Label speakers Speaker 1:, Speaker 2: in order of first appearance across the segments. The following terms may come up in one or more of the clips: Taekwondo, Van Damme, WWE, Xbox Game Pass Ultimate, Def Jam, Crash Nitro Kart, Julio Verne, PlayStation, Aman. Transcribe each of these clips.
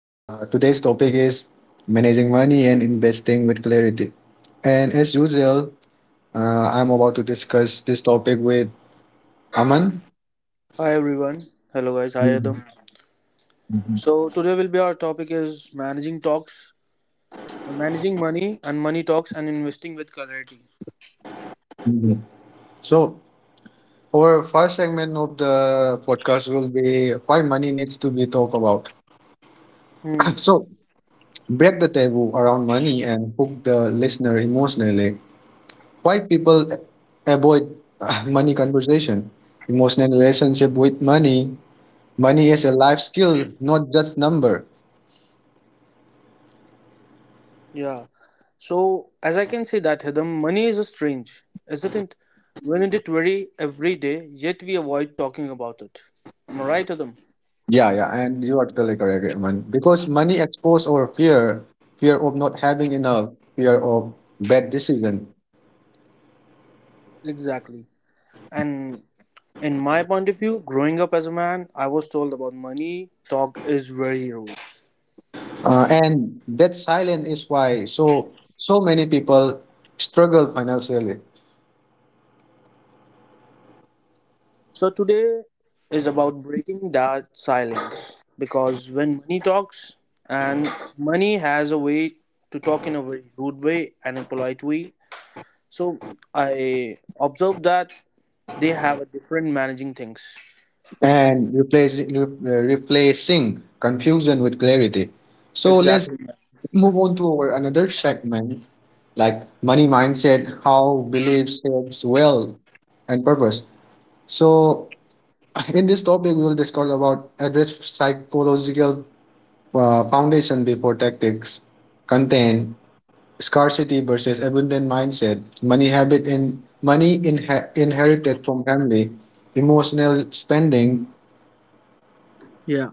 Speaker 1: today's topic is managing money and investing with clarity. And as usual, I'm about to discuss this topic with Aman.
Speaker 2: everyone. Hello guys. Hi Adam.
Speaker 1: Mhm, mhm,
Speaker 2: So today will be our topic is managing talks, managing money and money talks and investing with clarity.
Speaker 1: mhm. So, our first segment of the podcast will be why money needs to be talked about.
Speaker 2: Hmm.
Speaker 1: So, break the taboo around money and hook the listener emotionally. Why people avoid money conversation? Emotional relationship with money. Money is a life skill, not just number.
Speaker 2: Yeah. So as I can say that Adam, money is a strange, isn't it? Isn't it very every day? Yet we avoid talking about it. Am I right, Adam?
Speaker 1: Yeah, yeah, and you are totally correct, man. Because money expose our fear, fear of not having enough, fear of bad decision,
Speaker 2: Exactly. And in my point of view, growing up as a man, I was told about money talk is very rude.
Speaker 1: and that silence is why so many people struggle financially.
Speaker 2: So today is about breaking that silence because when money talks, and money has a way to talk in a very rude way and a polite way. So I observed that they have a different managing things.
Speaker 1: And replacing replacing confusion with clarity. So let's
Speaker 2: Exactly.
Speaker 1: move on to our another segment like money mindset, how beliefs shapes wealth and purpose. So in this topic, we will discuss about address psychological foundation before tactics. Content: scarcity versus abundant mindset, money habit and money inherited from family, emotional spending.
Speaker 2: Yeah.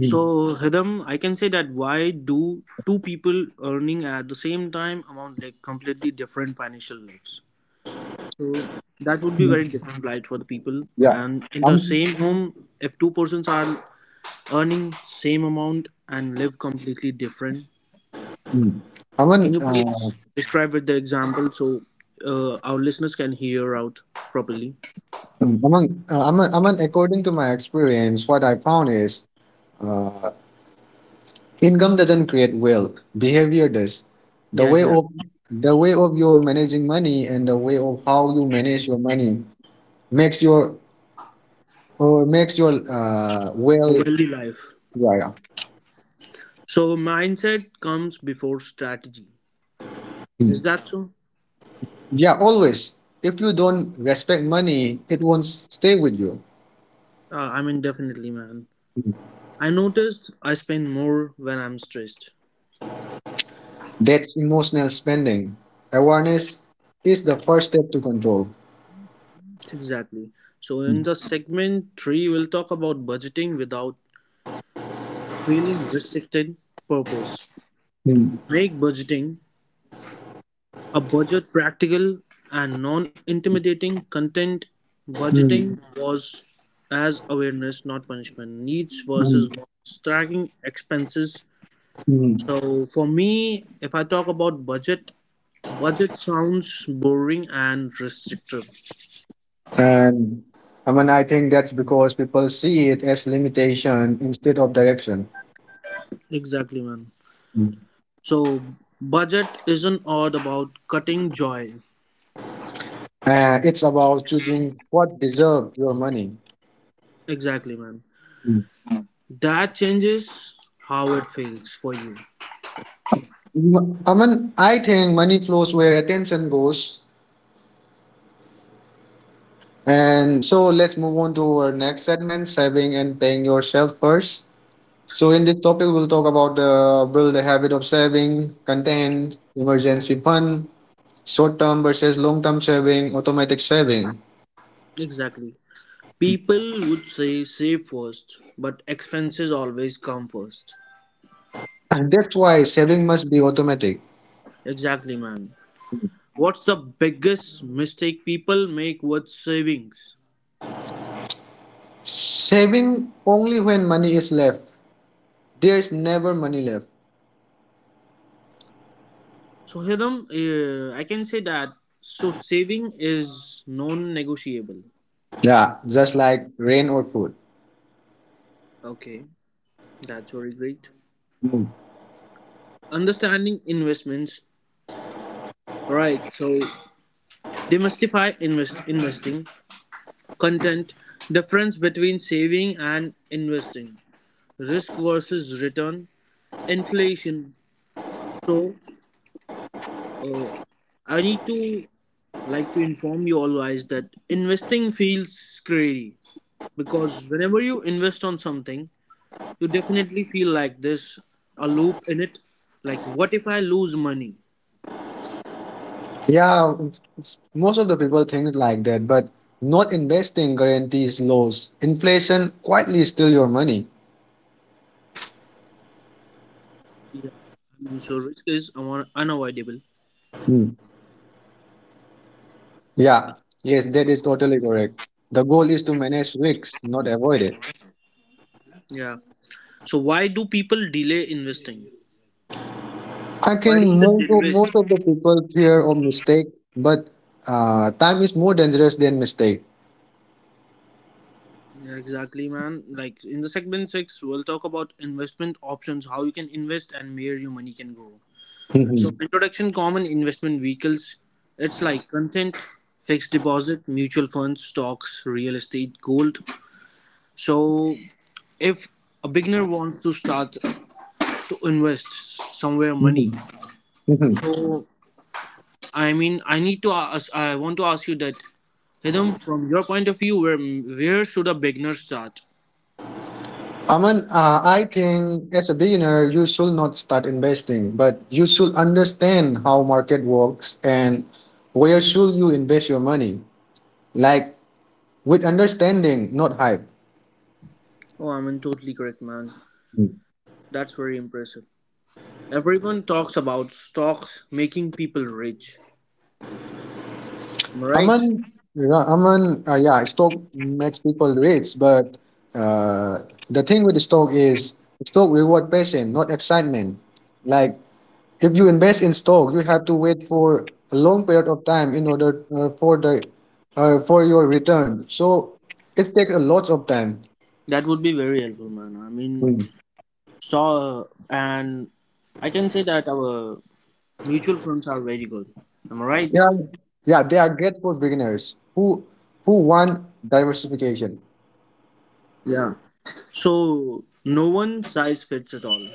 Speaker 2: So Hidam, I can say that why do two people earning at the same time amount like completely different financial lives? So that would be very different light for the people.
Speaker 1: Yeah.
Speaker 2: And in the
Speaker 1: Um,
Speaker 2: same home, if two persons are earning same amount and live completely different.
Speaker 1: mm.
Speaker 2: Can
Speaker 1: Aman,
Speaker 2: you please describe with the example so our listeners can hear out properly?
Speaker 1: mm, Aman, Aman, Aman, according to my experience, what I found is uh, income doesn't create wealth, behavior does. The
Speaker 2: Yeah,
Speaker 1: way of
Speaker 2: exactly.
Speaker 1: the way of your managing money and the way of how you manage your money makes your makes your
Speaker 2: A
Speaker 1: well.
Speaker 2: wealthy life.
Speaker 1: Yeah, yeah.
Speaker 2: So mindset comes before strategy. Is
Speaker 1: Mm.
Speaker 2: that so?
Speaker 1: Yeah, always. If you don't respect money, it won't stay with you.
Speaker 2: I mean, definitely, man.
Speaker 1: Hmm.
Speaker 2: I noticed I spend more when I'm stressed.
Speaker 1: That's emotional spending. Awareness is the first step to control.
Speaker 2: Exactly. So in
Speaker 1: Mm,
Speaker 2: the segment three, we'll talk about budgeting without feeling restricted. Purpose.
Speaker 1: mm,
Speaker 2: Make budgeting a budget practical and non intimidating content budgeting
Speaker 1: mm,
Speaker 2: was as awareness, not punishment. Needs versus wants, tracking expenses.
Speaker 1: mm.
Speaker 2: So, for me, if I talk about budget, budget sounds boring and restrictive.
Speaker 1: And I mean, I think that's because people see it as limitation instead of direction.
Speaker 2: Exactly, man.
Speaker 1: Mm.
Speaker 2: So, budget isn't all about cutting joy.
Speaker 1: It's about choosing what deserves your money.
Speaker 2: Exactly, man.
Speaker 1: Mm.
Speaker 2: That changes how it feels for you.
Speaker 1: I mean, I think money flows where attention goes. And so let's move on to our next segment saving and paying yourself first. So, in this topic, we'll talk about the build a habit of saving, content, emergency fund, short term versus long term saving, automatic saving.
Speaker 2: Exactly. People would say save first, but expenses always come first.
Speaker 1: And that's why saving must be automatic.
Speaker 2: Exactly, man. What's the biggest mistake people make with savings?
Speaker 1: Saving only when money is left. There's never money left.
Speaker 2: So, Hidam, I can say that. So, saving is non negotiable.
Speaker 1: Yeah, just like rain or food.
Speaker 2: Okay, that's very great.
Speaker 1: Mm.
Speaker 2: Understanding investments. Right, so demystify investing, content, difference between saving and investing, risk versus return, inflation. So, uh, I need to like to inform you all guys that investing feels scary because whenever you invest on something, you definitely feel like there's a loop in it. Like, what if I lose money?
Speaker 1: Yeah, most of the people think like that, but not investing guarantees loss. Inflation quietly steal your money.
Speaker 2: Yeah, I mean, so risk is unavoidable.
Speaker 1: Hmm. Yeah, yes, that is totally correct. The goal is to manage risks, not avoid it.
Speaker 2: Yeah. So why do people delay investing?
Speaker 1: I
Speaker 2: Why
Speaker 1: think
Speaker 2: do they
Speaker 1: most of,
Speaker 2: invest?
Speaker 1: most of the people fear of mistake, but time is more dangerous than mistake.
Speaker 2: Yeah, exactly, man. Like in the segment six, we'll talk about investment options, how you can invest, and where your money can grow. So
Speaker 1: Mhm,
Speaker 2: introduction common investment vehicles it's like content, fixed deposit, mutual funds, stocks, real estate, gold. So if a beginner wants to start to invest somewhere money,
Speaker 1: mhm, mhm.
Speaker 2: so I mean I want to ask you that Hidam from your point of view where should a beginner start?
Speaker 1: Aman, I think as a beginner, you should not start investing, but you should understand how market works and where should you invest your money, like with understanding, not hype.
Speaker 2: Oh, I mean totally correct man.
Speaker 1: Mm-hmm.
Speaker 2: That's very impressive. Everyone talks about stocks making people rich. Am I right?
Speaker 1: Aman, yeah, Aman, yeah, stock makes people rich, but uh, the thing with stock is stock reward patience, not excitement. Like if you invest in stock, you have to wait for a long period of time in order for your return. So it takes a lot of time.
Speaker 2: That would be very helpful, man. I mean,
Speaker 1: Hmm.
Speaker 2: so, and I can say that our mutual funds are very good. Am I right?
Speaker 1: Yeah, yeah, they are great for beginners who want diversification.
Speaker 2: Yeah. So, no one size fits at all.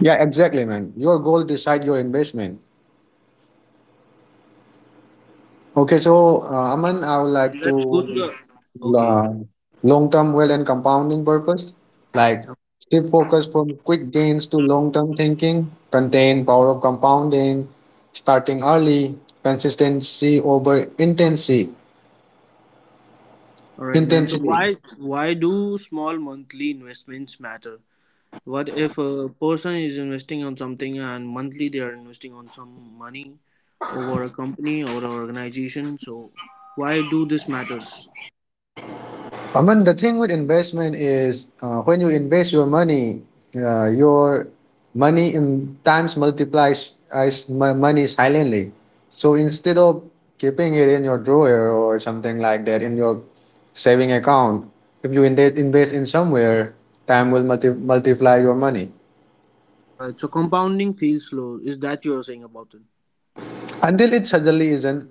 Speaker 1: Yeah, exactly, man. Your goal decide your investment. Okay, so Aman, I would like to
Speaker 2: Let's go to the. Okay.
Speaker 1: uh, long-term wealth and compounding purpose, like shift focus from quick gains to long-term thinking, contain power of compounding, starting early, consistency over intensity,
Speaker 2: All right, man. So,
Speaker 1: intensity.
Speaker 2: why do small monthly investments matter? What if a person is investing on something and monthly they are investing on some money over a company or an organization? So, why do this matters?
Speaker 1: I mean, the thing with investment is when you invest your money in times multiplies as my money silently. So instead of keeping it in your drawer or something like that in your saving account, if you invest in somewhere, time will multiply your money
Speaker 2: All right. So, compounding feels slow. Is that you're saying about it?
Speaker 1: until it suddenly isn't.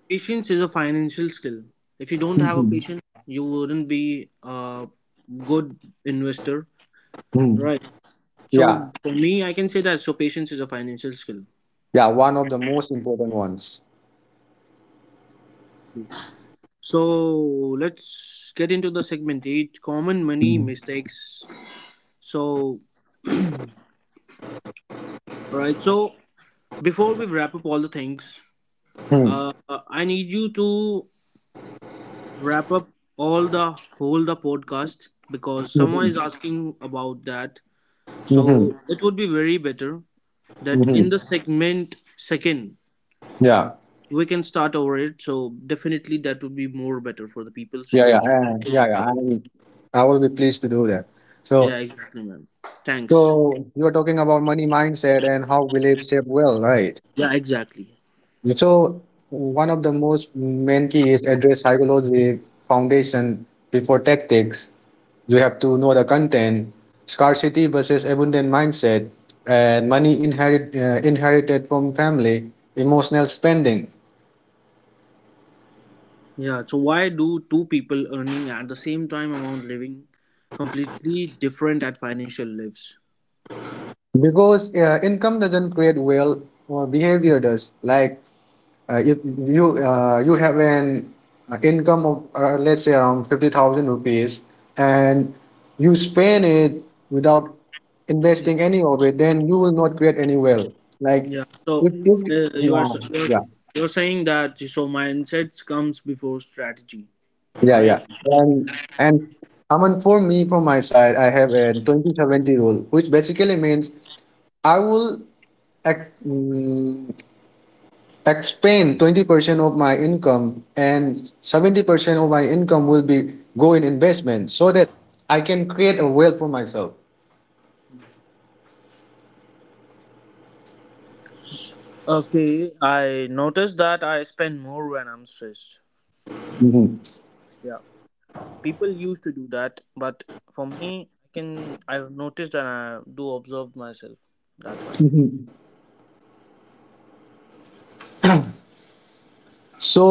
Speaker 2: Patience is a financial skill. If you don't have a
Speaker 1: Mhm.
Speaker 2: patience, you wouldn't be a good investor,
Speaker 1: Mm.
Speaker 2: right?
Speaker 1: Yeah,
Speaker 2: So for me, I can say that. So patience is a financial skill.
Speaker 1: yeah, one of the most important ones.
Speaker 2: Exactly. So let's get into the segment eight: common money
Speaker 1: Mhm.
Speaker 2: mistakes. So right. So before we wrap up all the things, uh, I need you to wrap up all the whole the podcast because someone is
Speaker 1: Mhm.
Speaker 2: asking about that.
Speaker 1: Mhm.
Speaker 2: So it would be very better that in
Speaker 1: Mhm.
Speaker 2: the segment second
Speaker 1: Yeah.
Speaker 2: we can start over it so definitely that would be more better for the people so
Speaker 1: Yeah, yeah,
Speaker 2: those who don't
Speaker 1: yeah, yeah.
Speaker 2: have a,
Speaker 1: I will be pleased to do that. So,
Speaker 2: yeah exactly man, thanks.
Speaker 1: so you are talking about money mindset and how beliefs shape well, right?
Speaker 2: Yeah exactly.
Speaker 1: So, one of the most main key is address psychology foundation before tactics. You have to know the content, scarcity versus abundant mindset, and money inherited from family, emotional spending.
Speaker 2: Yeah, so why do two people earning at the same time amount living completely different at financial lives?
Speaker 1: Because income doesn't create wealth or behavior does. Like if you have an income of let's say around 50,000 rupees and you spend it without
Speaker 2: Yeah,
Speaker 1: investing any of it, then you will not create any wealth. Like
Speaker 2: yeah. So
Speaker 1: if
Speaker 2: uh, you are
Speaker 1: yeah,
Speaker 2: s- you are s-
Speaker 1: yeah,
Speaker 2: you're saying that so mindsets comes before strategy, am I
Speaker 1: yeah, yeah.
Speaker 2: right?
Speaker 1: And Aman, for me, from my side, I have a 20/70 rule, which basically means I will ac- mm, expend 20% of my income and 70% of my income will be go in investment so that I can create a wealth for myself.
Speaker 2: Okay, I noticed that I spend more when I'm stressed.
Speaker 1: Mhm.
Speaker 2: People used to do that, but for me I can, I've noticed and I do observe myself, that's why.
Speaker 1: Mhm. So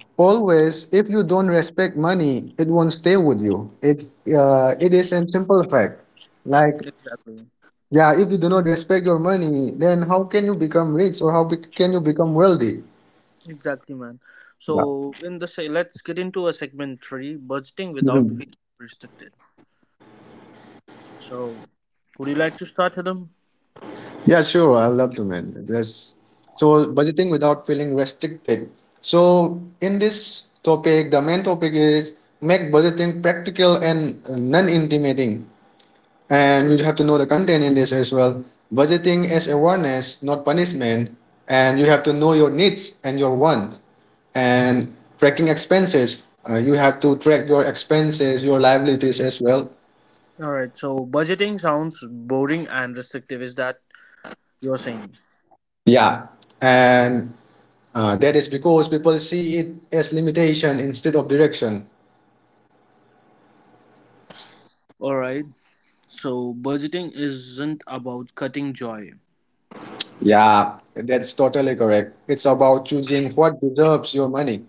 Speaker 1: uh, always if you don't respect money it won't stay with you. It is a simple fact. Like,
Speaker 2: Exactly.
Speaker 1: yeah, if you do not respect your money then how can you become rich or how can you become wealthy?
Speaker 2: Exactly, man. So let's get into a segment three budgeting
Speaker 1: Yeah.
Speaker 2: without feeling restricted. So would you like to start Adam?
Speaker 1: Yeah, sure. I love to, man. There's So, budgeting without feeling restricted. So in this topic, the main topic is make budgeting practical and non-intimidating. And you have to know the content in this as well. Budgeting as awareness, not punishment. And you have to know your needs and your wants. And tracking expenses, you have to track your expenses, your liabilities as well.
Speaker 2: All right, so budgeting sounds boring and restrictive, is that you're saying?
Speaker 1: Yeah. And that is because people see it as limitation instead of direction.
Speaker 2: All right, so budgeting isn't about cutting joy.
Speaker 1: Yeah, that's totally correct. It's about choosing what deserves your money.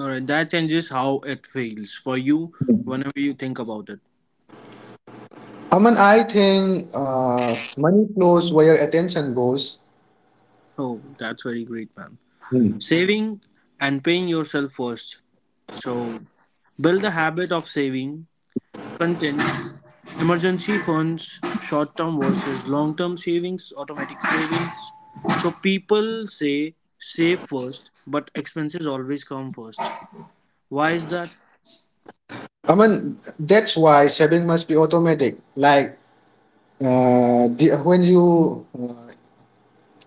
Speaker 2: All right, that changes how it feels for you
Speaker 1: Hmm.
Speaker 2: whenever you think about it.
Speaker 1: Aman, I think money flows where attention goes.
Speaker 2: Oh, that's very great, man.
Speaker 1: Hmm.
Speaker 2: Saving and paying yourself first. So, build the habit of saving, content, emergency funds, short term versus long term savings, automatic savings. So, people say save first, but expenses always come first. Why is that?
Speaker 1: Aman, that's why saving must be automatic. Like when you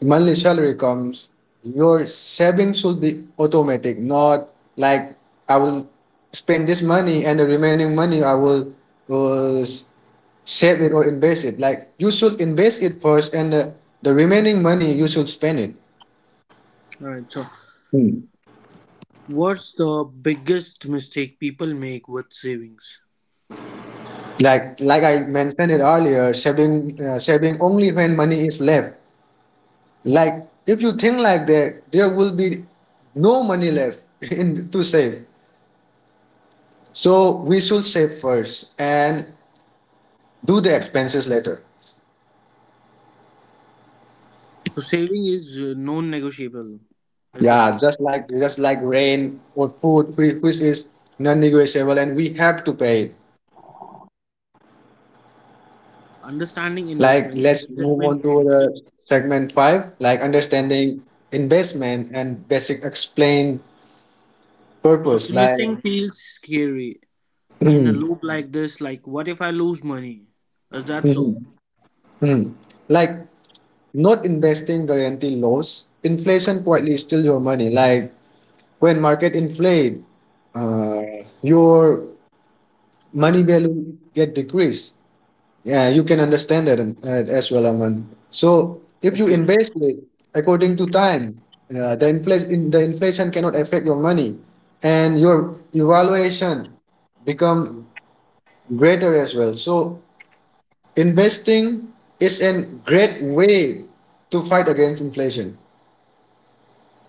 Speaker 1: monthly salary comes, your savings should be automatic, not like I will spend this money and the remaining money I will uh, s- save it or invest it. Like you should invest it first, and the remaining money you should spend it.
Speaker 2: Alright, so
Speaker 1: Hmm.
Speaker 2: what's the biggest mistake people make with savings?
Speaker 1: Like I mentioned it earlier, saving only when money is left. Like if you think like that, there will be no money left in to save. So we should save first and do the expenses later.
Speaker 2: So, saving is non negotiable. Is that?
Speaker 1: Yeah, just like rain or food, which is non-negotiable, and we have to pay it.
Speaker 2: Yeah, understanding
Speaker 1: Like let's move
Speaker 2: investment.
Speaker 1: on to the segment five, like understanding investment and basic explain
Speaker 2: So
Speaker 1: purpose. Like
Speaker 2: investing feels scary in a
Speaker 1: mhm,
Speaker 2: loop like this. Like, what if I lose money? Is that so?
Speaker 1: mhm. Like not investing guarantee loss. Inflation quietly steal your money. Like when market inflate, uh, your money value get decreased. Yeah, you can understand that as well, Aman. So if you
Speaker 2: Okay.
Speaker 1: invest it according to time, the inflation cannot affect your money, and your evaluation become greater as well. So investing is a great way to fight against inflation.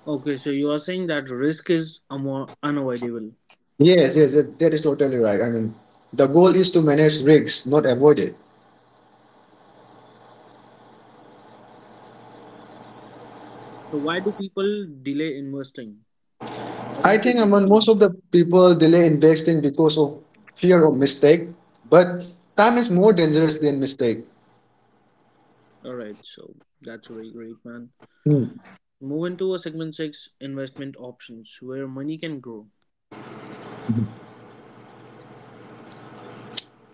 Speaker 2: Okay. So you are saying that risk is unavoidable.
Speaker 1: Yes, yes, that is totally right. I mean, the goal is to manage risks, not avoid it.
Speaker 2: So why do people delay investing? Why
Speaker 1: I
Speaker 2: don't they?
Speaker 1: think among most of the people delay investing because of fear of mistake, but time is more dangerous than mistake.
Speaker 2: All right. So that's very great, man.
Speaker 1: Hmm.
Speaker 2: Move into a segment six investment options where money can grow.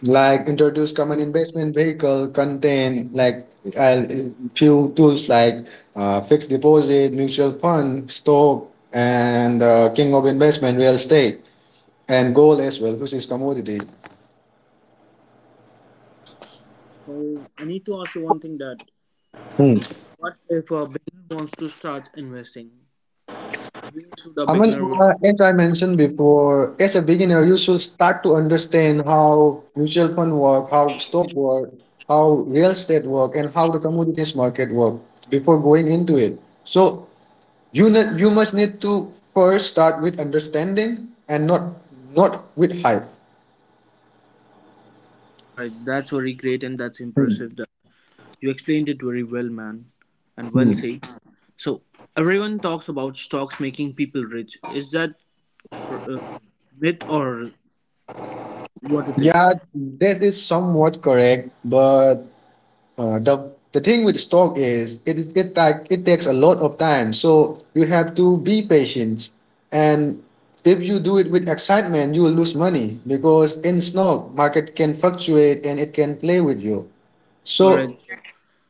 Speaker 1: Like introduce common investment vehicle contain like uh, few tools like fixed deposit, mutual fund, stock, and king of investment real estate and gold as well, which is commodity.
Speaker 2: So I need to ask you one thing that
Speaker 1: Hmm.
Speaker 2: what if a beginner wants to start investing? Should a
Speaker 1: Aman,
Speaker 2: beginner?
Speaker 1: as I mentioned before, as a beginner, you should start to understand how mutual fund work, how stock work, how real estate work, and how the commodities market work before going into it. So you must need to first start with understanding and not with hype.
Speaker 2: All right. That's very great and that's
Speaker 1: Hmm.
Speaker 2: impressive. You explained it very well, man, and well
Speaker 1: Hmm.
Speaker 2: said. So, everyone talks about stocks making people rich. Is that uh, myth or what it is?
Speaker 1: Yeah, this is somewhat correct, but the thing with stock is it like it takes a lot of time, so you have to be patient. And if you do it with excitement, you will lose money because in stock market can fluctuate and it can play with you.
Speaker 2: All right.
Speaker 1: So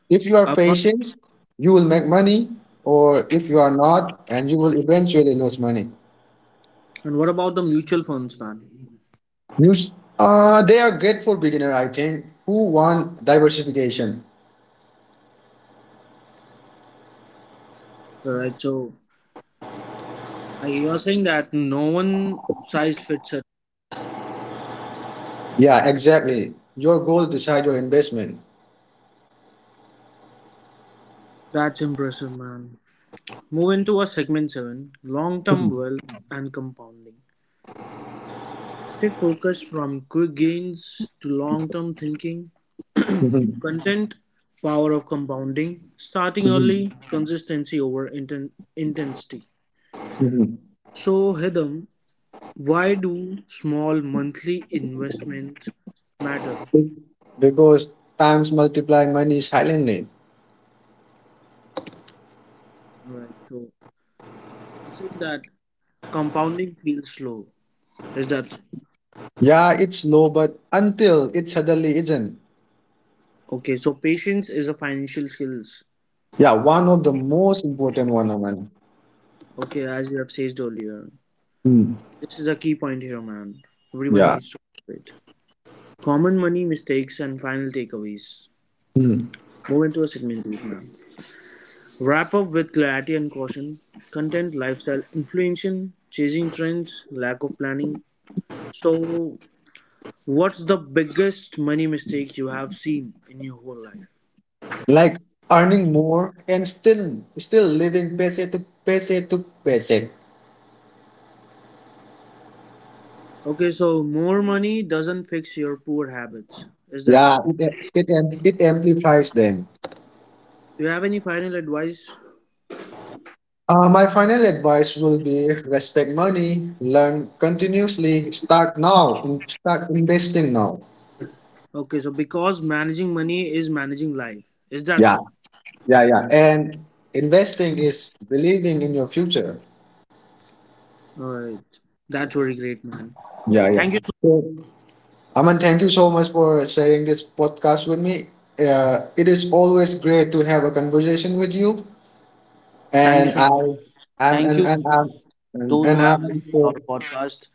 Speaker 1: if you are
Speaker 2: Uh,
Speaker 1: patient, you will make money, or if you are not, and you will eventually lose money.
Speaker 2: and what about the mutual funds, man?
Speaker 1: News. They are great for beginner, I think, who want diversification.
Speaker 2: All right. So, you're saying that no one size fits all.
Speaker 1: Yeah, exactly. Your goal decide your investment.
Speaker 2: That's impressive, man. Move into a segment seven: long-term wealth and compounding. Shift focus from quick gains to long-term thinking.
Speaker 1: Mhm,
Speaker 2: Content, power of compounding, starting
Speaker 1: mhm,
Speaker 2: early, consistency over intensity.
Speaker 1: mhm.
Speaker 2: So, Hidam, why do small monthly investments matter?
Speaker 1: Be- Because times multiply money silently.
Speaker 2: Alright, so you're that compounding feels slow. Is that so?
Speaker 1: Yeah, it's low, but until it suddenly isn't.
Speaker 2: Okay, so patience is a financial skills.
Speaker 1: Yeah, one of the most important one, of Aman.
Speaker 2: Okay, as you have said earlier.
Speaker 1: Mm.
Speaker 2: This is a key point here, man. Everyone
Speaker 1: Yeah.
Speaker 2: needs to do it. Common money mistakes and final takeaways.
Speaker 1: Mm.
Speaker 2: Move into a segment, please, man. Wrap up with clarity and caution, content, lifestyle, inflation, chasing trends, lack of planning. So, what's the biggest money mistake you have seen in your whole life?
Speaker 1: Like earning more and still living paycheck to paycheck to paycheck.
Speaker 2: Okay, so more money doesn't fix your poor habits. Is that
Speaker 1: Yeah,
Speaker 2: so?
Speaker 1: it amplifies them.
Speaker 2: Do you have any final advice?
Speaker 1: My final advice will be respect money, learn continuously, start now, and start investing now.
Speaker 2: Okay, so because managing money is managing life. Is that
Speaker 1: Yeah.
Speaker 2: so?
Speaker 1: Yeah, yeah. And investing is believing in your future.
Speaker 2: All right. That's very great, man.
Speaker 1: Yeah, yeah.
Speaker 2: Thank you. So,
Speaker 1: So, Aman, thank you so much for sharing this podcast with me. It is always great to have a conversation with you,
Speaker 2: thank you
Speaker 1: and
Speaker 2: so
Speaker 1: I,
Speaker 2: much.
Speaker 1: I'm,
Speaker 2: Thank you.
Speaker 1: and I'm,
Speaker 2: Those who
Speaker 1: and
Speaker 2: have
Speaker 1: I'm.
Speaker 2: listened to our
Speaker 1: So,
Speaker 2: podcast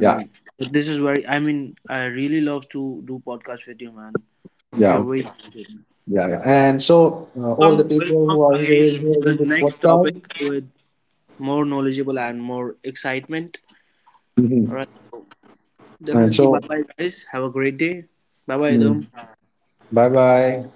Speaker 1: yeah,
Speaker 2: this is very, I mean I really love to do podcast with you man,
Speaker 1: yeah,
Speaker 2: you're very
Speaker 1: okay,
Speaker 2: talented.
Speaker 1: yeah, yeah. And so, all
Speaker 2: Welcome,
Speaker 1: the people
Speaker 2: welcome
Speaker 1: who are
Speaker 2: again
Speaker 1: hearing here in
Speaker 2: with
Speaker 1: this
Speaker 2: next
Speaker 1: podcast.
Speaker 2: topic with more knowledgeable and more excitement. All
Speaker 1: Mhm.
Speaker 2: right. So,
Speaker 1: And
Speaker 2: definitely
Speaker 1: so,
Speaker 2: bye bye guys, have a great day. Bye bye them.
Speaker 1: bye bye.